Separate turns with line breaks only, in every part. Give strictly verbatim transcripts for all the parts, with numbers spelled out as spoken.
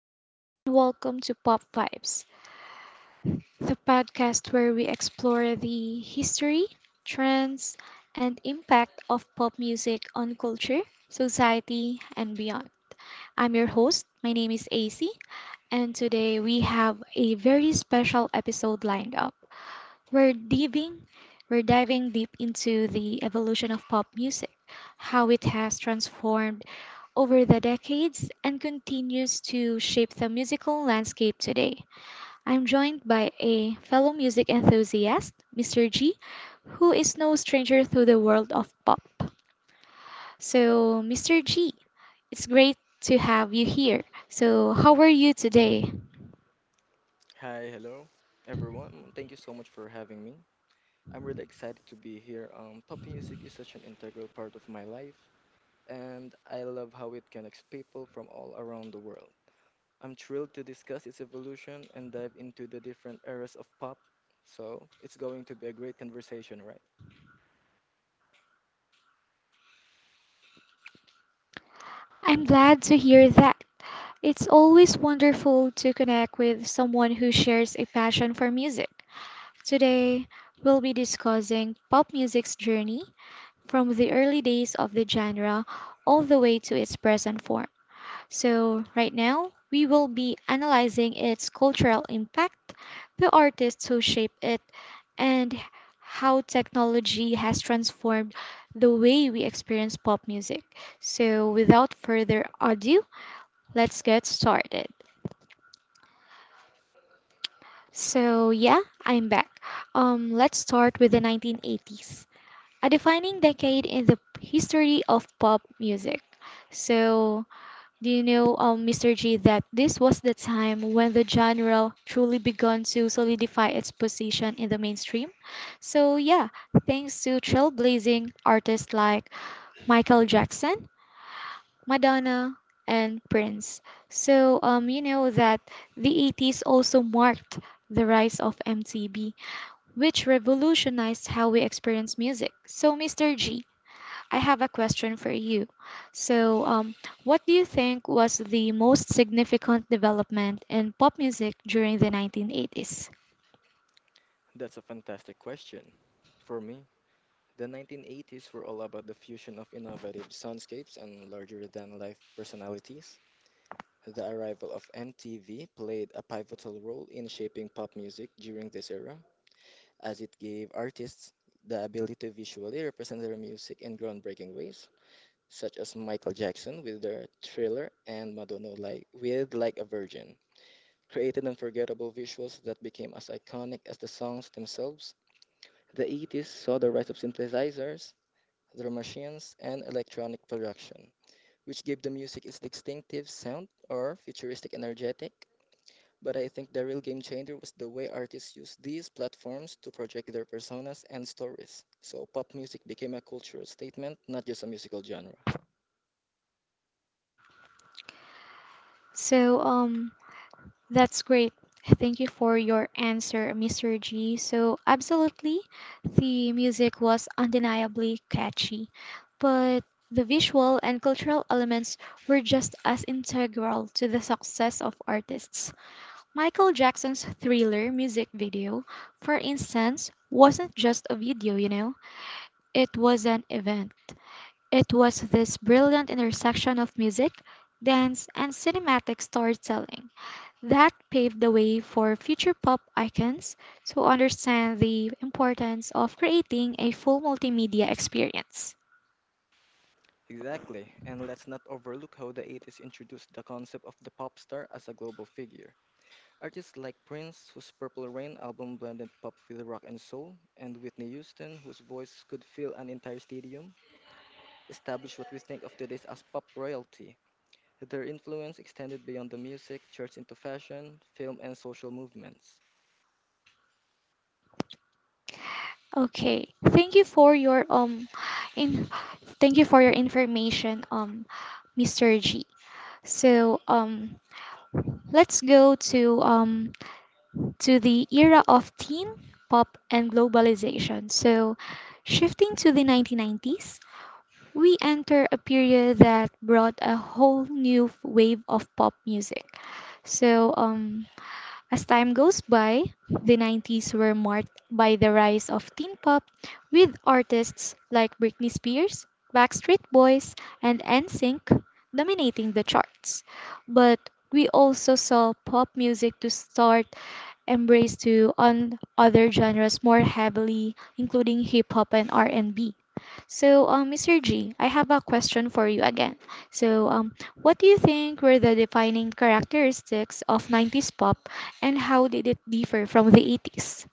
Hello and welcome to Pop Vibes, the podcast where we explore the history, trends, and impact of pop music on culture, society, and beyond. I'm your host. My name is A C, and today we have a very special episode lined up. We're diving we're diving deep into the evolution of pop music, how it has transformed over the decades and continues to shape the musical landscape today. I'm joined by a fellow music enthusiast, Mister G, who is no stranger to the world of pop. So, Mister G, it's great to have you here. So, how are you today?
Hi, hello, everyone. Thank you so much for having me. I'm really excited to be here. Um, pop music is such an integral part of my life, and I love how it connects people from all around the world. I'm thrilled to discuss its evolution and dive into the different eras of pop. So, it's going to be a great conversation, right?
I'm glad to hear that. It's always wonderful to connect with someone who shares a passion for music. Today, we'll be discussing pop music's journey from the early days of the genre all the way to its present form. So, right now, we will be analyzing its cultural impact, the artists who shape it, and how technology has transformed the way we experience pop music. So, without further ado, let's get started. So, yeah, I'm back. Um, let's start with the nineteen eighties, a defining decade in the history of pop music. So, do you know, um, Mister G, that this was the time when the genre truly began to solidify its position in the mainstream? So, yeah, thanks to trailblazing artists like Michael Jackson, Madonna, and Prince. So, um, you know that the eighties also marked the rise of M T V, which revolutionized how we experience music. So, Mister G, I have a question for you. So, um, what do you think was the most significant development in pop music during the nineteen eighties?
That's a fantastic question. For me, the nineteen eighties were all about the fusion of innovative soundscapes and larger than life personalities. The arrival of M T V played a pivotal role in shaping pop music during this era, as it gave artists the ability to visually represent their music in groundbreaking ways, such as Michael Jackson with their Thriller and Madonna like, with Like a Virgin, created unforgettable visuals that became as iconic as the songs themselves. The eighties saw the rise of synthesizers, drum machines, and electronic production, which gave the music its distinctive sound or futuristic energetic but I think the real game changer was the way artists used these platforms to project their personas and stories. So pop music became a cultural statement, not just a musical genre.
So, um, that's great. Thank you for your answer, Mister G. So, absolutely, the music was undeniably catchy, but the visual and cultural elements were just as integral to the success of artists. Michael Jackson's thriller music video, for instance, wasn't just a video, you know, it was an event. It was this brilliant intersection of music, dance, and cinematic storytelling that paved the way for future pop icons to understand the importance of creating a full multimedia experience.
Exactly, and let's not overlook how the eighties introduced the concept of the pop star as a global figure. Artists like Prince, whose Purple Rain album blended pop with rock and soul, and Whitney Houston, whose voice could fill an entire stadium, established what we think of today as pop royalty. Their influence extended beyond the music, church into fashion, film, and social movements.
Okay, thank you for your um in thank you for your information um Mister G. So um Let's go to um to the era of teen pop and globalization. So, shifting to the nineteen nineties, we enter a period that brought a whole new wave of pop music. So, um as time goes by, the nineties were marked by the rise of teen pop with artists like Britney Spears, Backstreet Boys, and N sync dominating the charts. But we also saw pop music to start embraced to on other genres more heavily, including hip hop and R and B. So, um, Mister G, I have a question for you again. So, um, what do you think were the defining characteristics of nineties pop and how did it differ from the eighties?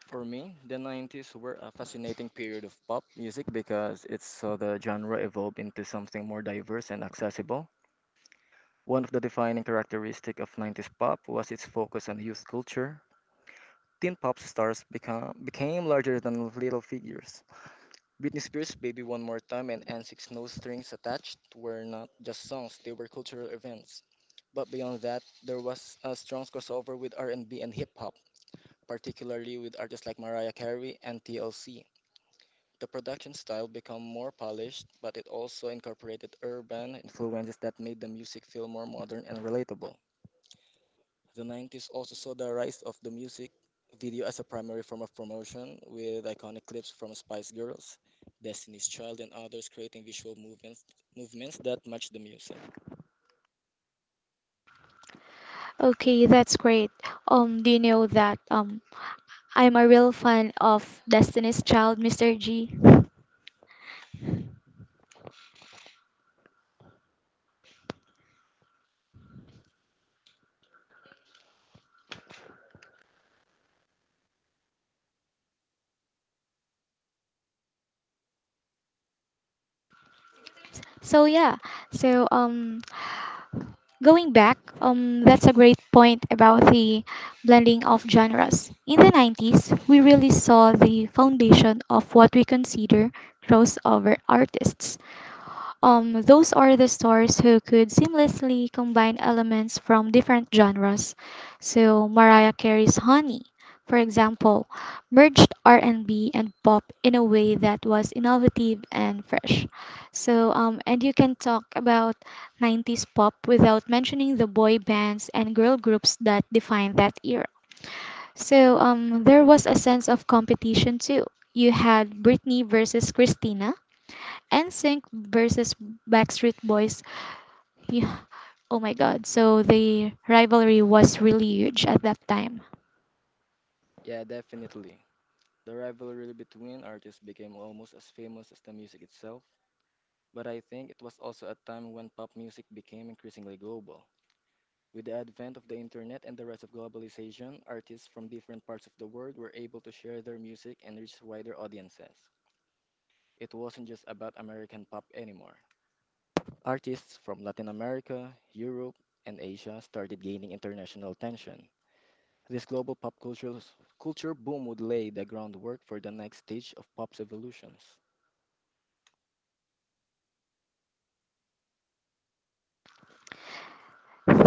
For me, the nineties were a fascinating period of pop music because it saw the genre evolve into something more diverse and accessible. One of the defining characteristics of nineties pop was its focus on youth culture. Teen pop stars become, became larger than little figures, Britney Spears' Baby One More Time and Antic's No Strings Attached were not just songs, they were cultural events. But beyond that, there was a strong crossover with R and B and B and hip hop, particularly with artists like Mariah Carey and T L C. The production style became more polished, but it also incorporated urban influences that made the music feel more modern and relatable. The nineties also saw the rise of the music video as a primary form of promotion, with iconic clips from Spice Girls, Destiny's Child, and others creating visual movements, movements that match the music.
Okay, that's great. Um, do you know that um, I'm a real fan of Destiny's Child, Mister G? So yeah, so um, Going back, um, that's a great point about the blending of genres. In the nineties, we really saw the foundation of what we consider crossover artists. Um, those are the stars who could seamlessly combine elements from different genres. So Mariah Carey's Honey, for example, merged R and B and B and pop in a way that was innovative and fresh. So um, and you can talk about nineties pop without mentioning the boy bands and girl groups that defined that era. So um, there was a sense of competition too. You had Britney versus Christina, N sync versus Backstreet Boys. Yeah, oh my god. So the rivalry was really huge at that time.
Yeah, definitely. The rivalry between artists became almost as famous as the music itself, but I think it was also a time when pop music became increasingly global. With the advent of the internet and the rise of globalization, artists from different parts of the world were able to share their music and reach wider audiences. It wasn't just about American pop anymore. Artists from Latin America, Europe, and Asia started gaining international attention. This global pop cultural s- culture boom would lay the groundwork for the next stage of pop's evolutions.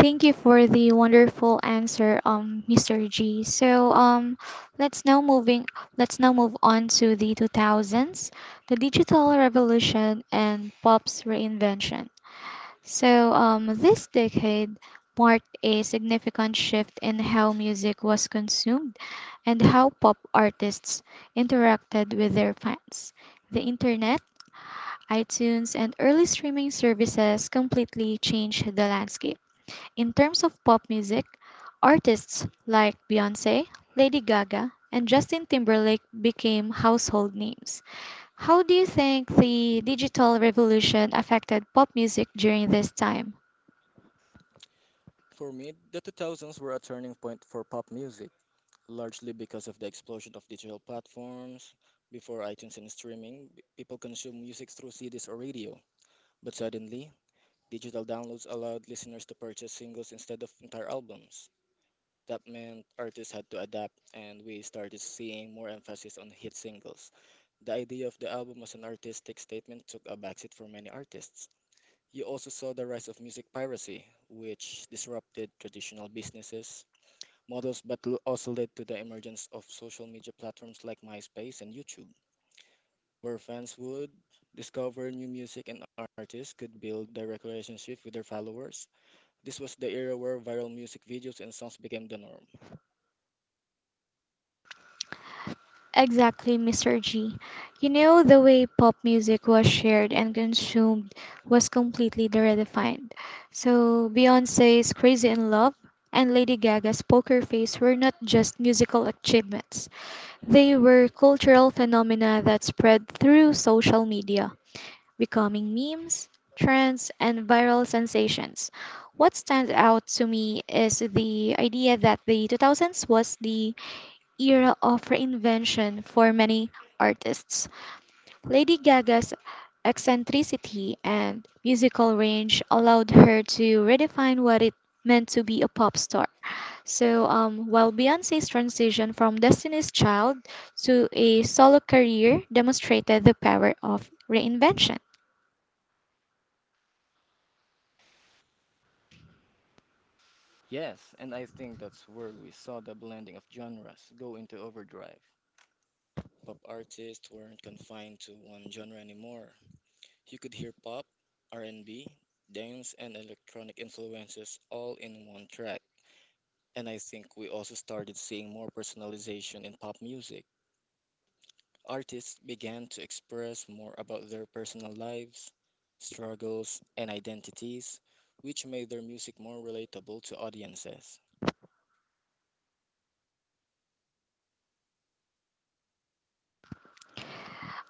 Thank you for the wonderful answer, um, Mister G. So um, let's now moving. Let's now move on to the two thousands, the digital revolution and pop's reinvention. So um, this decade marked a significant shift in how music was consumed and how pop artists interacted with their fans. The internet, iTunes, and early streaming services completely changed the landscape. In terms of pop music, artists like Beyonce, Lady Gaga, and Justin Timberlake became household names. How do you think the digital revolution affected pop music during this time?
For me, the two thousands were a turning point for pop music, largely because of the explosion of digital platforms. Before iTunes and streaming, b- people consumed music through C Ds or radio. But suddenly, digital downloads allowed listeners to purchase singles instead of entire albums. That meant artists had to adapt, and we started seeing more emphasis on hit singles. The idea of the album as an artistic statement took a backseat for many artists. You also saw the rise of music piracy, which disrupted traditional businesses models but l- also led to the emergence of social media platforms like MySpace and YouTube, where fans would discover new music and artists could build direct relationship with their followers. This was the era where viral music videos and songs became the norm.
Exactly, Mister G. You know, the way pop music was shared and consumed was completely redefined. So, Beyonce's Crazy in Love and Lady Gaga's Poker Face were not just musical achievements, they were cultural phenomena that spread through social media, becoming memes, trends, and viral sensations. What stands out to me is the idea that the two thousands was the era of reinvention for many artists. Lady Gaga's eccentricity and musical range allowed her to redefine what it meant to be a pop star. So, um, while Beyonce's transition from Destiny's Child to a solo career demonstrated the power of reinvention.
Yes, and I think that's where we saw the blending of genres go into overdrive. Pop artists weren't confined to one genre anymore. You could hear pop, R and B, dance, and electronic influences all in one track. And I think we also started seeing more personalization in pop music. Artists began to express more about their personal lives, struggles, and identities, which made their music more relatable to audiences.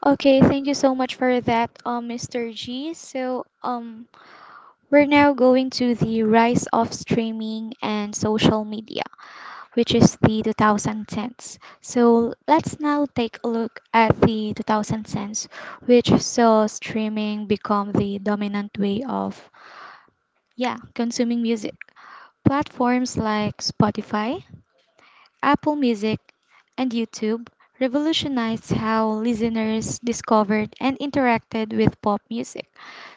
Okay, thank you so much for that, um, Mister G. So, um, we're now going to the rise of streaming and social media, which is the twenty tens. So let's now take a look at the twenty tens, which saw streaming become the dominant way of, yeah, consuming music. Platforms like Spotify, Apple Music, and YouTube revolutionized how listeners discovered and interacted with pop music.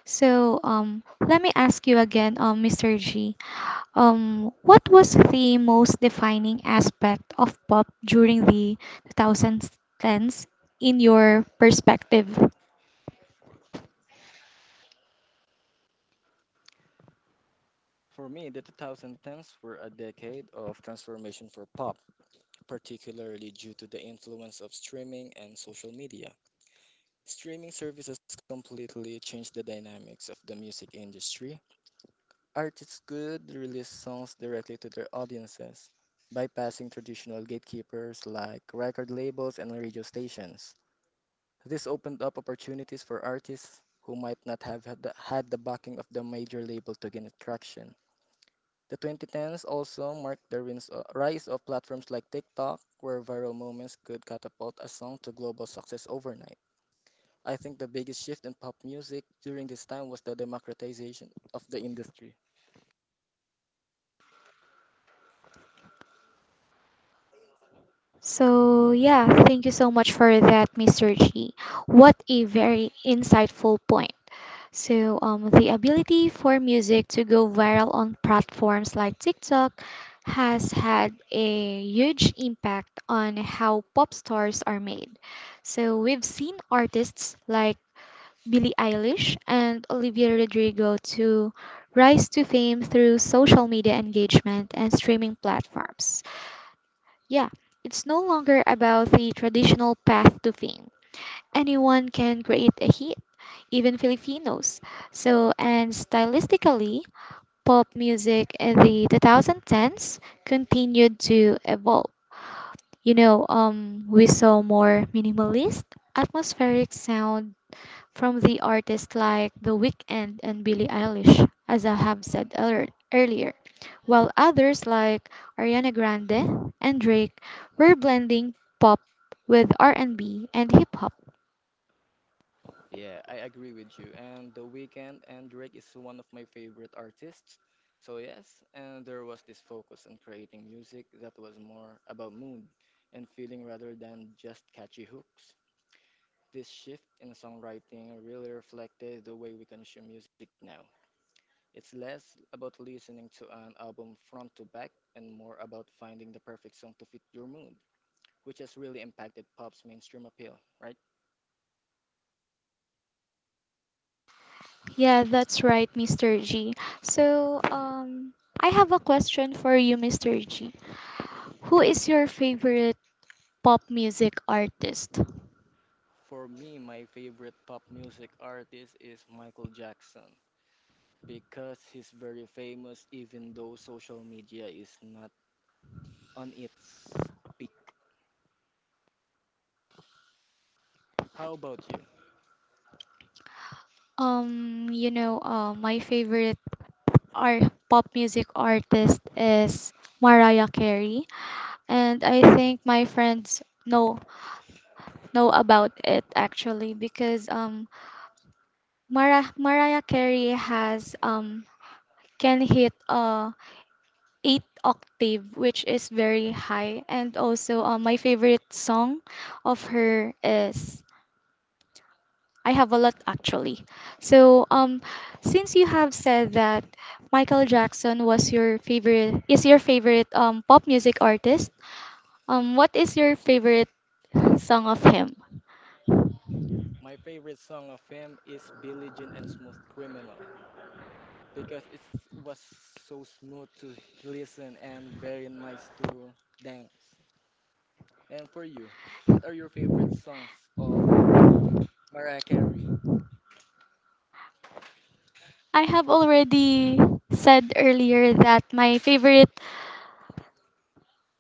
So, um, let me ask you again, um, Mister G, um, what was the most defining aspect of pop during the twenty tens in your perspective?
For me, the twenty tens were a decade of transformation for pop, particularly due to the influence of streaming and social media. Streaming services completely changed the dynamics of the music industry. Artists could release songs directly to their audiences, bypassing traditional gatekeepers like record labels and radio stations. This opened up opportunities for artists who might not have had the, had the backing of the major label to gain traction. The twenty tens also marked the rins- uh, rise of platforms like TikTok, where viral moments could catapult a song to global success overnight. I think the biggest shift in pop music during this time was the democratization of the industry.
So, yeah, thank you so much for that, Mister G. What a very insightful point. So, um, the ability for music to go viral on platforms like TikTok has had a huge impact on how pop stars are made. So, we've seen artists like Billie Eilish and Olivia Rodrigo to rise to fame through social media engagement and streaming platforms. Yeah, it's no longer about the traditional path to fame. Anyone can create a hit, even Filipinos. So, and stylistically, pop music in the twenty tens continued to evolve. You know, um, we saw more minimalist, atmospheric sound from the artists like The Weeknd and Billie Eilish, as I have said earl- earlier, while others like Ariana Grande and Drake were blending pop with R and B and B and hip hop.
Yeah, I agree with you. And The Weeknd and Drake is one of my favorite artists. So yes, and there was this focus on creating music that was more about mood and feeling rather than just catchy hooks. This shift in songwriting really reflected the way we consume music now. It's less about listening to an album front to back and more about finding the perfect song to fit your mood, which has really impacted pop's mainstream appeal, right?
Yeah, that's right, Mister G. So, um, I have a question for you, Mister G. Who is your favorite pop music artist?
For me, my favorite pop music artist is Michael Jackson because he's very famous even though social media is not on its peak. How about you?
Um, you know, uh, my favorite art pop music artist is Mariah Carey, and I think my friends know know about it actually because um Mara- Mariah Carey has um can hit uh eight octave, which is very high. And also, uh, my favorite song of her is, I have a lot actually. So um since you have said that Michael Jackson was your favorite is your favorite um pop music artist, um what is your favorite song of him?
My favorite song of him is Billie Jean and Smooth Criminal because it was so smooth to listen and very nice to dance. And for you, what are your favorite songs of Mariah Carey?
I have already said earlier that my favorite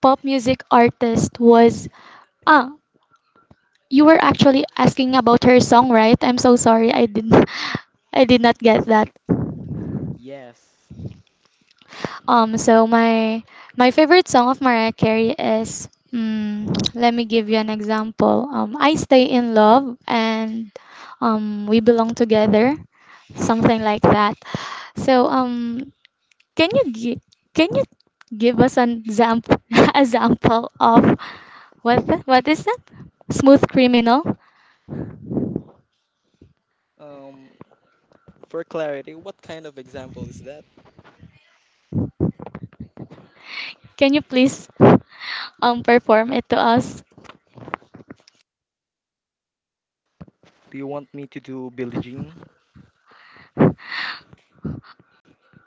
pop music artist was, ah you were actually asking about her song, right? I'm so sorry, I did I did not get that.
Yes.
um so my my favorite song of Mariah Carey is, mm, let me give you an example, um I Stay in Love and um We Belong Together, something like that. So um can you gi- can you give us an example example of, what the, what is that? Smooth Criminal?
Um, for clarity, what kind of example is that?
Can you please um perform it to us?
Do you want me to do Billie Jean?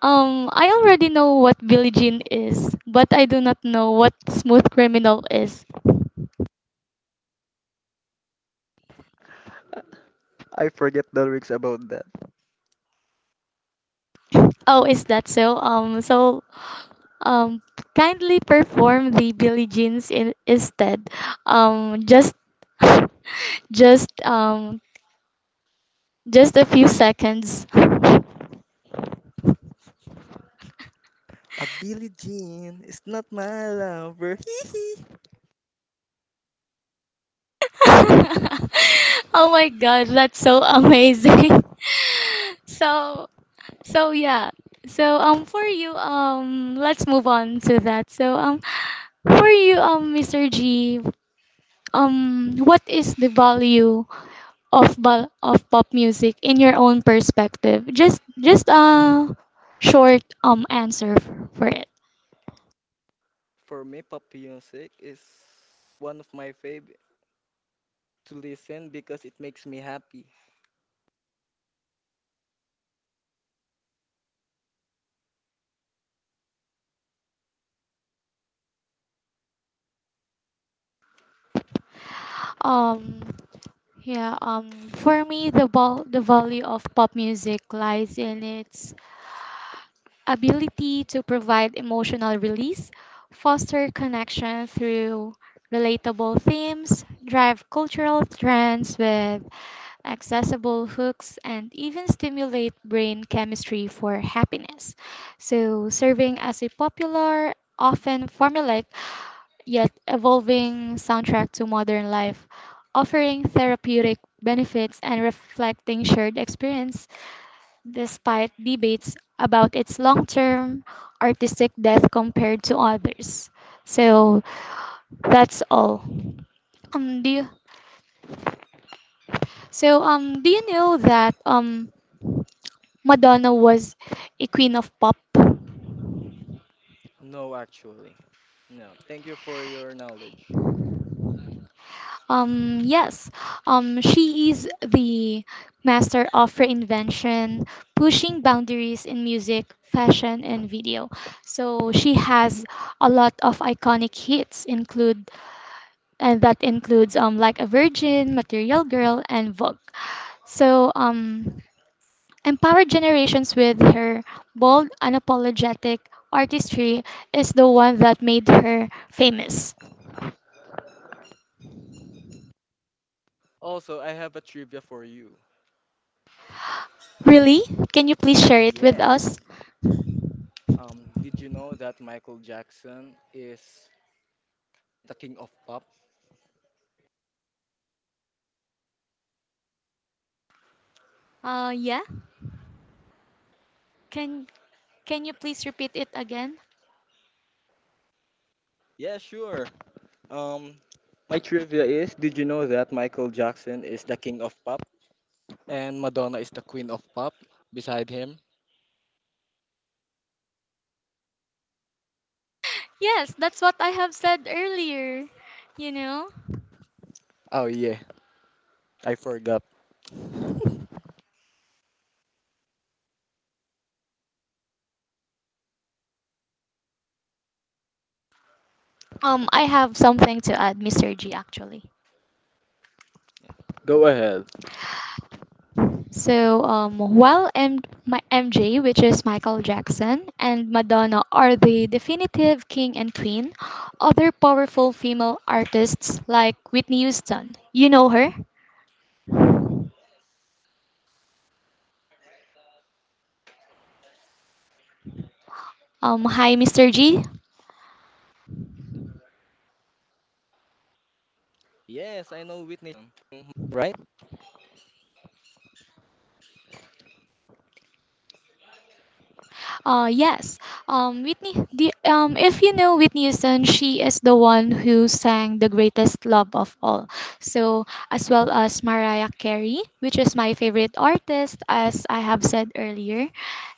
Um, I already know what Billie Jean is, but I do not know what Smooth Criminal is.
I forget the lyrics about that.
Oh, is that so? Um, so um, kindly perform the Billie Jeans in, instead. Um, just just um just a few seconds.
A Billie Jean is not my lover. Hee hee.
Oh my god, that's so amazing. so So yeah. So um for you, um let's move on to that. So um for you, um Mister G, um what is the value of ba- of pop music in your own perspective? Just just a short um answer f- for it.
For me, pop music is one of my favorite to listen because it makes me happy.
Um yeah um for me, the val- the value of pop music lies in its ability to provide emotional release, foster connection through relatable themes, drive cultural trends with accessible hooks, and even stimulate brain chemistry for happiness. So, serving as a popular, often formulaic, yet evolving soundtrack to modern life, offering therapeutic benefits and reflecting shared experiences despite debates about its long term artistic death compared to others. So that's all. Um, do you, so um, do you know that um, Madonna was a queen of pop?
No, actually. No. Thank you for your knowledge.
Um, yes. Um, she is the master of reinvention, pushing boundaries in music, fashion, and video. So she has a lot of iconic hits, include and that includes um like a Virgin, Material Girl, and Vogue. So um empowered generations with her bold, unapologetic artistry is the one that made her famous.
Also, I have a trivia for you.
Really? Can you please share it with us?
Yes. Um, did you know that Michael Jackson is the king of pop?
Uh yeah. can can you please repeat it again?
Yeah, sure. Um, my trivia is: Did you know that Michael Jackson is the king of pop and Madonna is the queen of pop? Beside him.
Yes, that's what I have said earlier, you know.
Oh yeah, I forgot.
um I have something to add, Mr. G, actually.
Go ahead.
So um, while M- my M J, which is Michael Jackson, and Madonna are the definitive king and queen, other powerful female artists like Whitney Houston. You know her? Um, hi, Mister G.
Yes, I know Whitney, mhm, right?
Uh, yes. Um, Whitney. The, um, if you know Whitney Houston, she is the one who sang "The Greatest Love of All." So, as well as Mariah Carey, which is my favorite artist, as I have said earlier.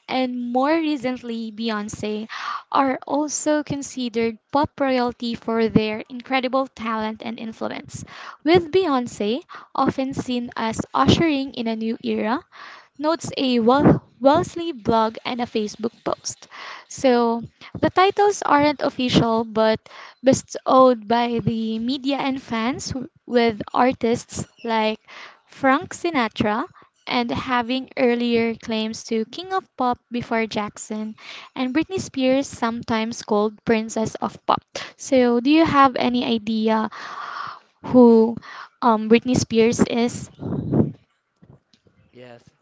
And more recently, Beyonce, are also considered pop royalty for their incredible talent and influence. With Beyonce often seen as ushering in a new era, notes a well Wellesley blog and a Facebook post. So the titles aren't official but bestowed by the media and fans w- with artists like Frank Sinatra and having earlier claims to King of Pop before Jackson, and Britney Spears sometimes called Princess of Pop. So do you have any idea who um, Britney Spears is?
Yes.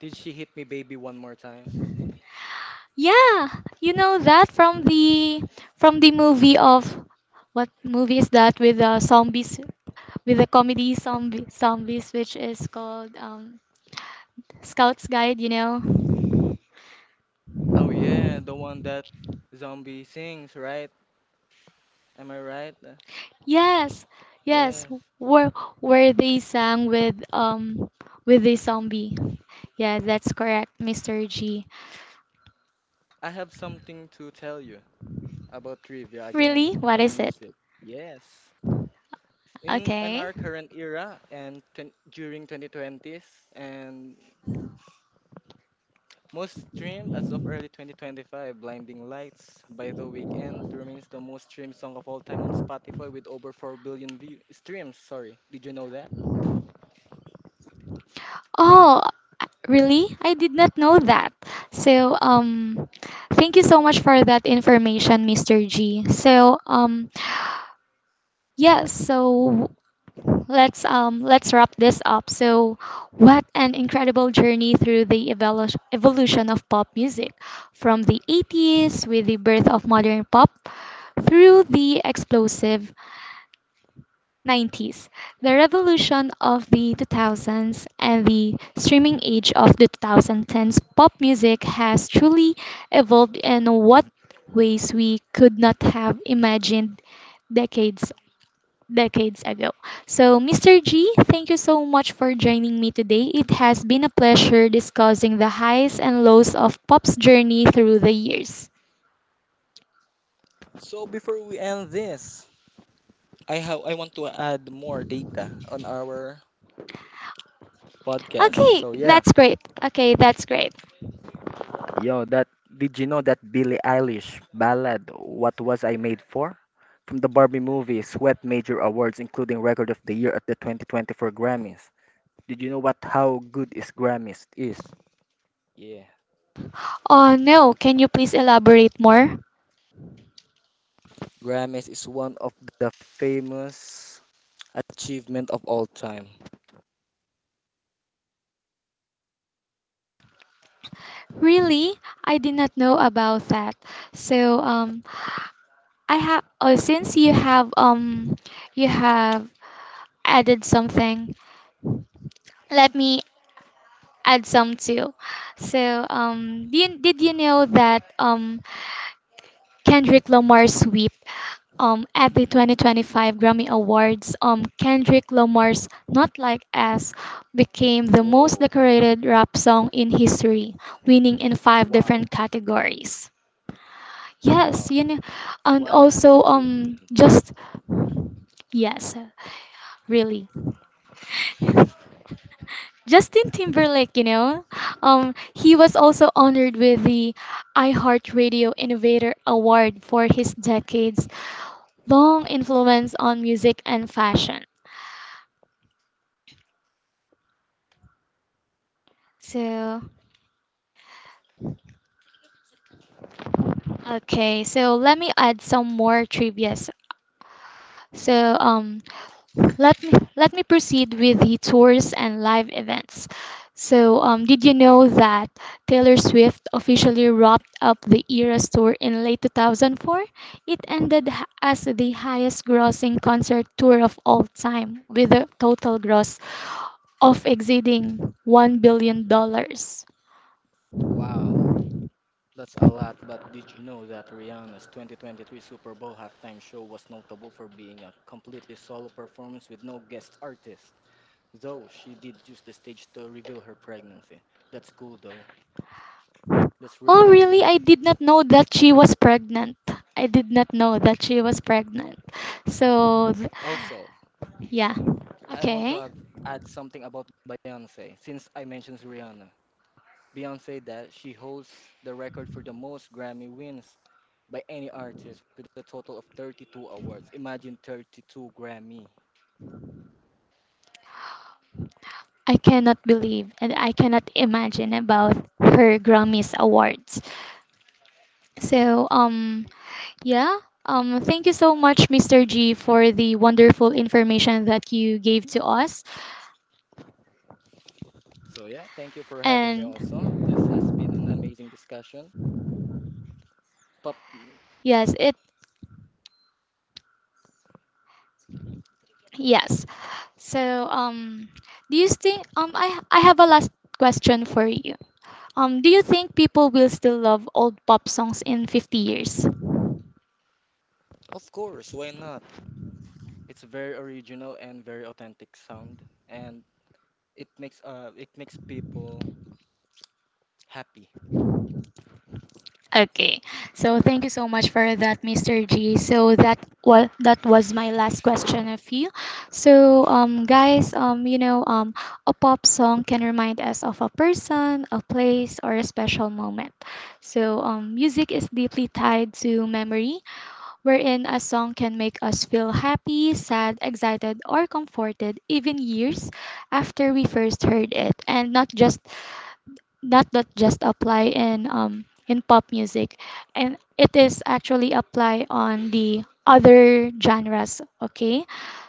Did she hit me, baby, one more time?
Yeah, you know that from the from the movie of, what movie is that with the zombies, with the comedy zombie zombies which is called um Scout's Guide, you know?
Oh yeah, the one that zombie sings, right? Am I right? Uh,
Yes. Yes,
yes.
where where they sang with um with the zombie. Yeah, that's correct, Mister G.
I have something to tell you about trivia again
Really? What
on
is it?
music. Yes. in in
Okay.
our current era and twen- during twenty twenties, and most streamed as of early twenty twenty-five, blinding lights by the Weeknd remains the most streamed song of all time on Spotify with over four billion view streams. Sorry, did you know that?
Oh, really? I did not know that. So, um, thank you so much for that information, Mister G. So, um, yes, so let's um let's wrap this up. So, what an incredible journey through the evolu- evolution of pop music, from the eighties with the birth of modern pop, through the explosive nineties, the revolution of the two thousands, and the streaming age of the twenty tens. Pop music has truly evolved in what ways we could not have imagined decades decades ago. So, Mister G, thank you so much for joining me today. It has been a pleasure discussing the highs and lows of pop's journey through the years.
So before we end this, i have I want to add more data on our podcast,
Okay,
so yeah.
that's great. Okay, that's great.
Yo, that, did you know that Billie Eilish ballad "What Was I Made For" from the Barbie movie swept major awards, including Record of the Year at the twenty twenty-four Grammys? Did you know what how good is Grammys is? Yeah,
Oh no, can you please elaborate more?
Grammys is one of the famous achievement of all time.
Really? I did not know about that. So um I have, oh, since you have um you have added something, let me add some too. So um did, did you know that um Kendrick Lamar sweep, um at the twenty twenty-five Grammy Awards, um Kendrick Lamar's Not Like Us became the most
Whoa!
decorated rap song in history, winning in five different
Wow!
categories. Yes,
Wow!
you know, and
What an
also um
achievement!
just yes, really. Justin Timberlake, you know, um he was also honored with the iHeartRadio Innovator Award for his decades long influence on music and fashion. So, okay, so let me add some more trivia. So, um let me let me proceed with the tours and live events. So, um, did you know that Taylor Swift officially wrapped up the Eras tour in late two thousand four? It ended h- as the highest-grossing concert tour of all time, with a total gross of exceeding one billion dollars.
Wow! That's a lot, but did you know that Rihanna's twenty twenty-three Super Bowl halftime show was notable for being a completely solo performance with no guest artist? Though she did use the stage to reveal her pregnancy. That's cool though. That's really
Oh, really?
cool.
I did not know that she was pregnant. I did not know that she was pregnant. So, th-
Also,
yeah.
I want to
Okay.
have, add something about Beyonce since I mentioned Rihanna. Beyonce that she holds the record for the most Grammy wins by any artist with a total of thirty-two awards. Imagine thirty-two Grammy.
I cannot believe and I cannot imagine about her Grammys awards. So um yeah, um thank you so much, Mister G, for the wonderful information that you gave to us.
So yeah, thank you for having me
And
also. This has been an amazing discussion. Pop.
yes, it yes. So um do you think, um I I have a last question for you. Um do you think people will still love old pop songs in fifty years?
Of course, why not? It's very original and very authentic sound and it makes uh it makes people happy.
Okay. So thank you so much for that, Mister G. So that was that was my last question of you. So um guys, um you know, um a pop song can remind us of a person, a place, or a special moment. So um music is deeply tied to memory, wherein a song can make us feel happy, sad, excited, or comforted even years after we first heard it. And not just that not just apply in um in pop music, and it is actually apply on the other genres, okay.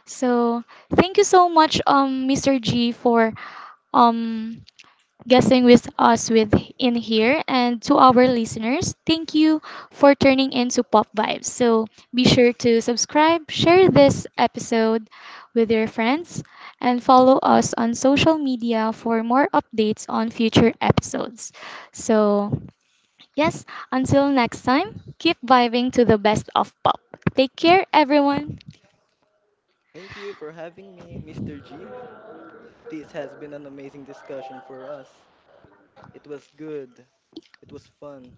So thank you so much, um Mr. G, for um guessing with us, with in here. And to our listeners, thank you for turning into Pop Vibes. So be sure to subscribe, share this episode with your friends, and follow us on social media for more updates on future episodes. So yes, until next time, keep vibing to the best of pop. Take care, everyone.
Thank you for having me, mister G. This has been an amazing discussion for us. It was good. It was fun.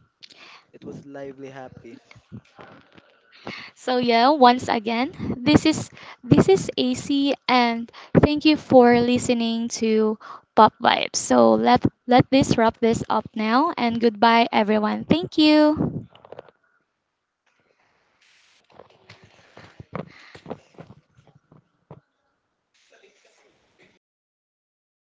It was lively happy.
So yeah, once again, this is this is A C, and thank you for listening to Pop Vibes. So let let this wrap this up now, and goodbye everyone. Thank you.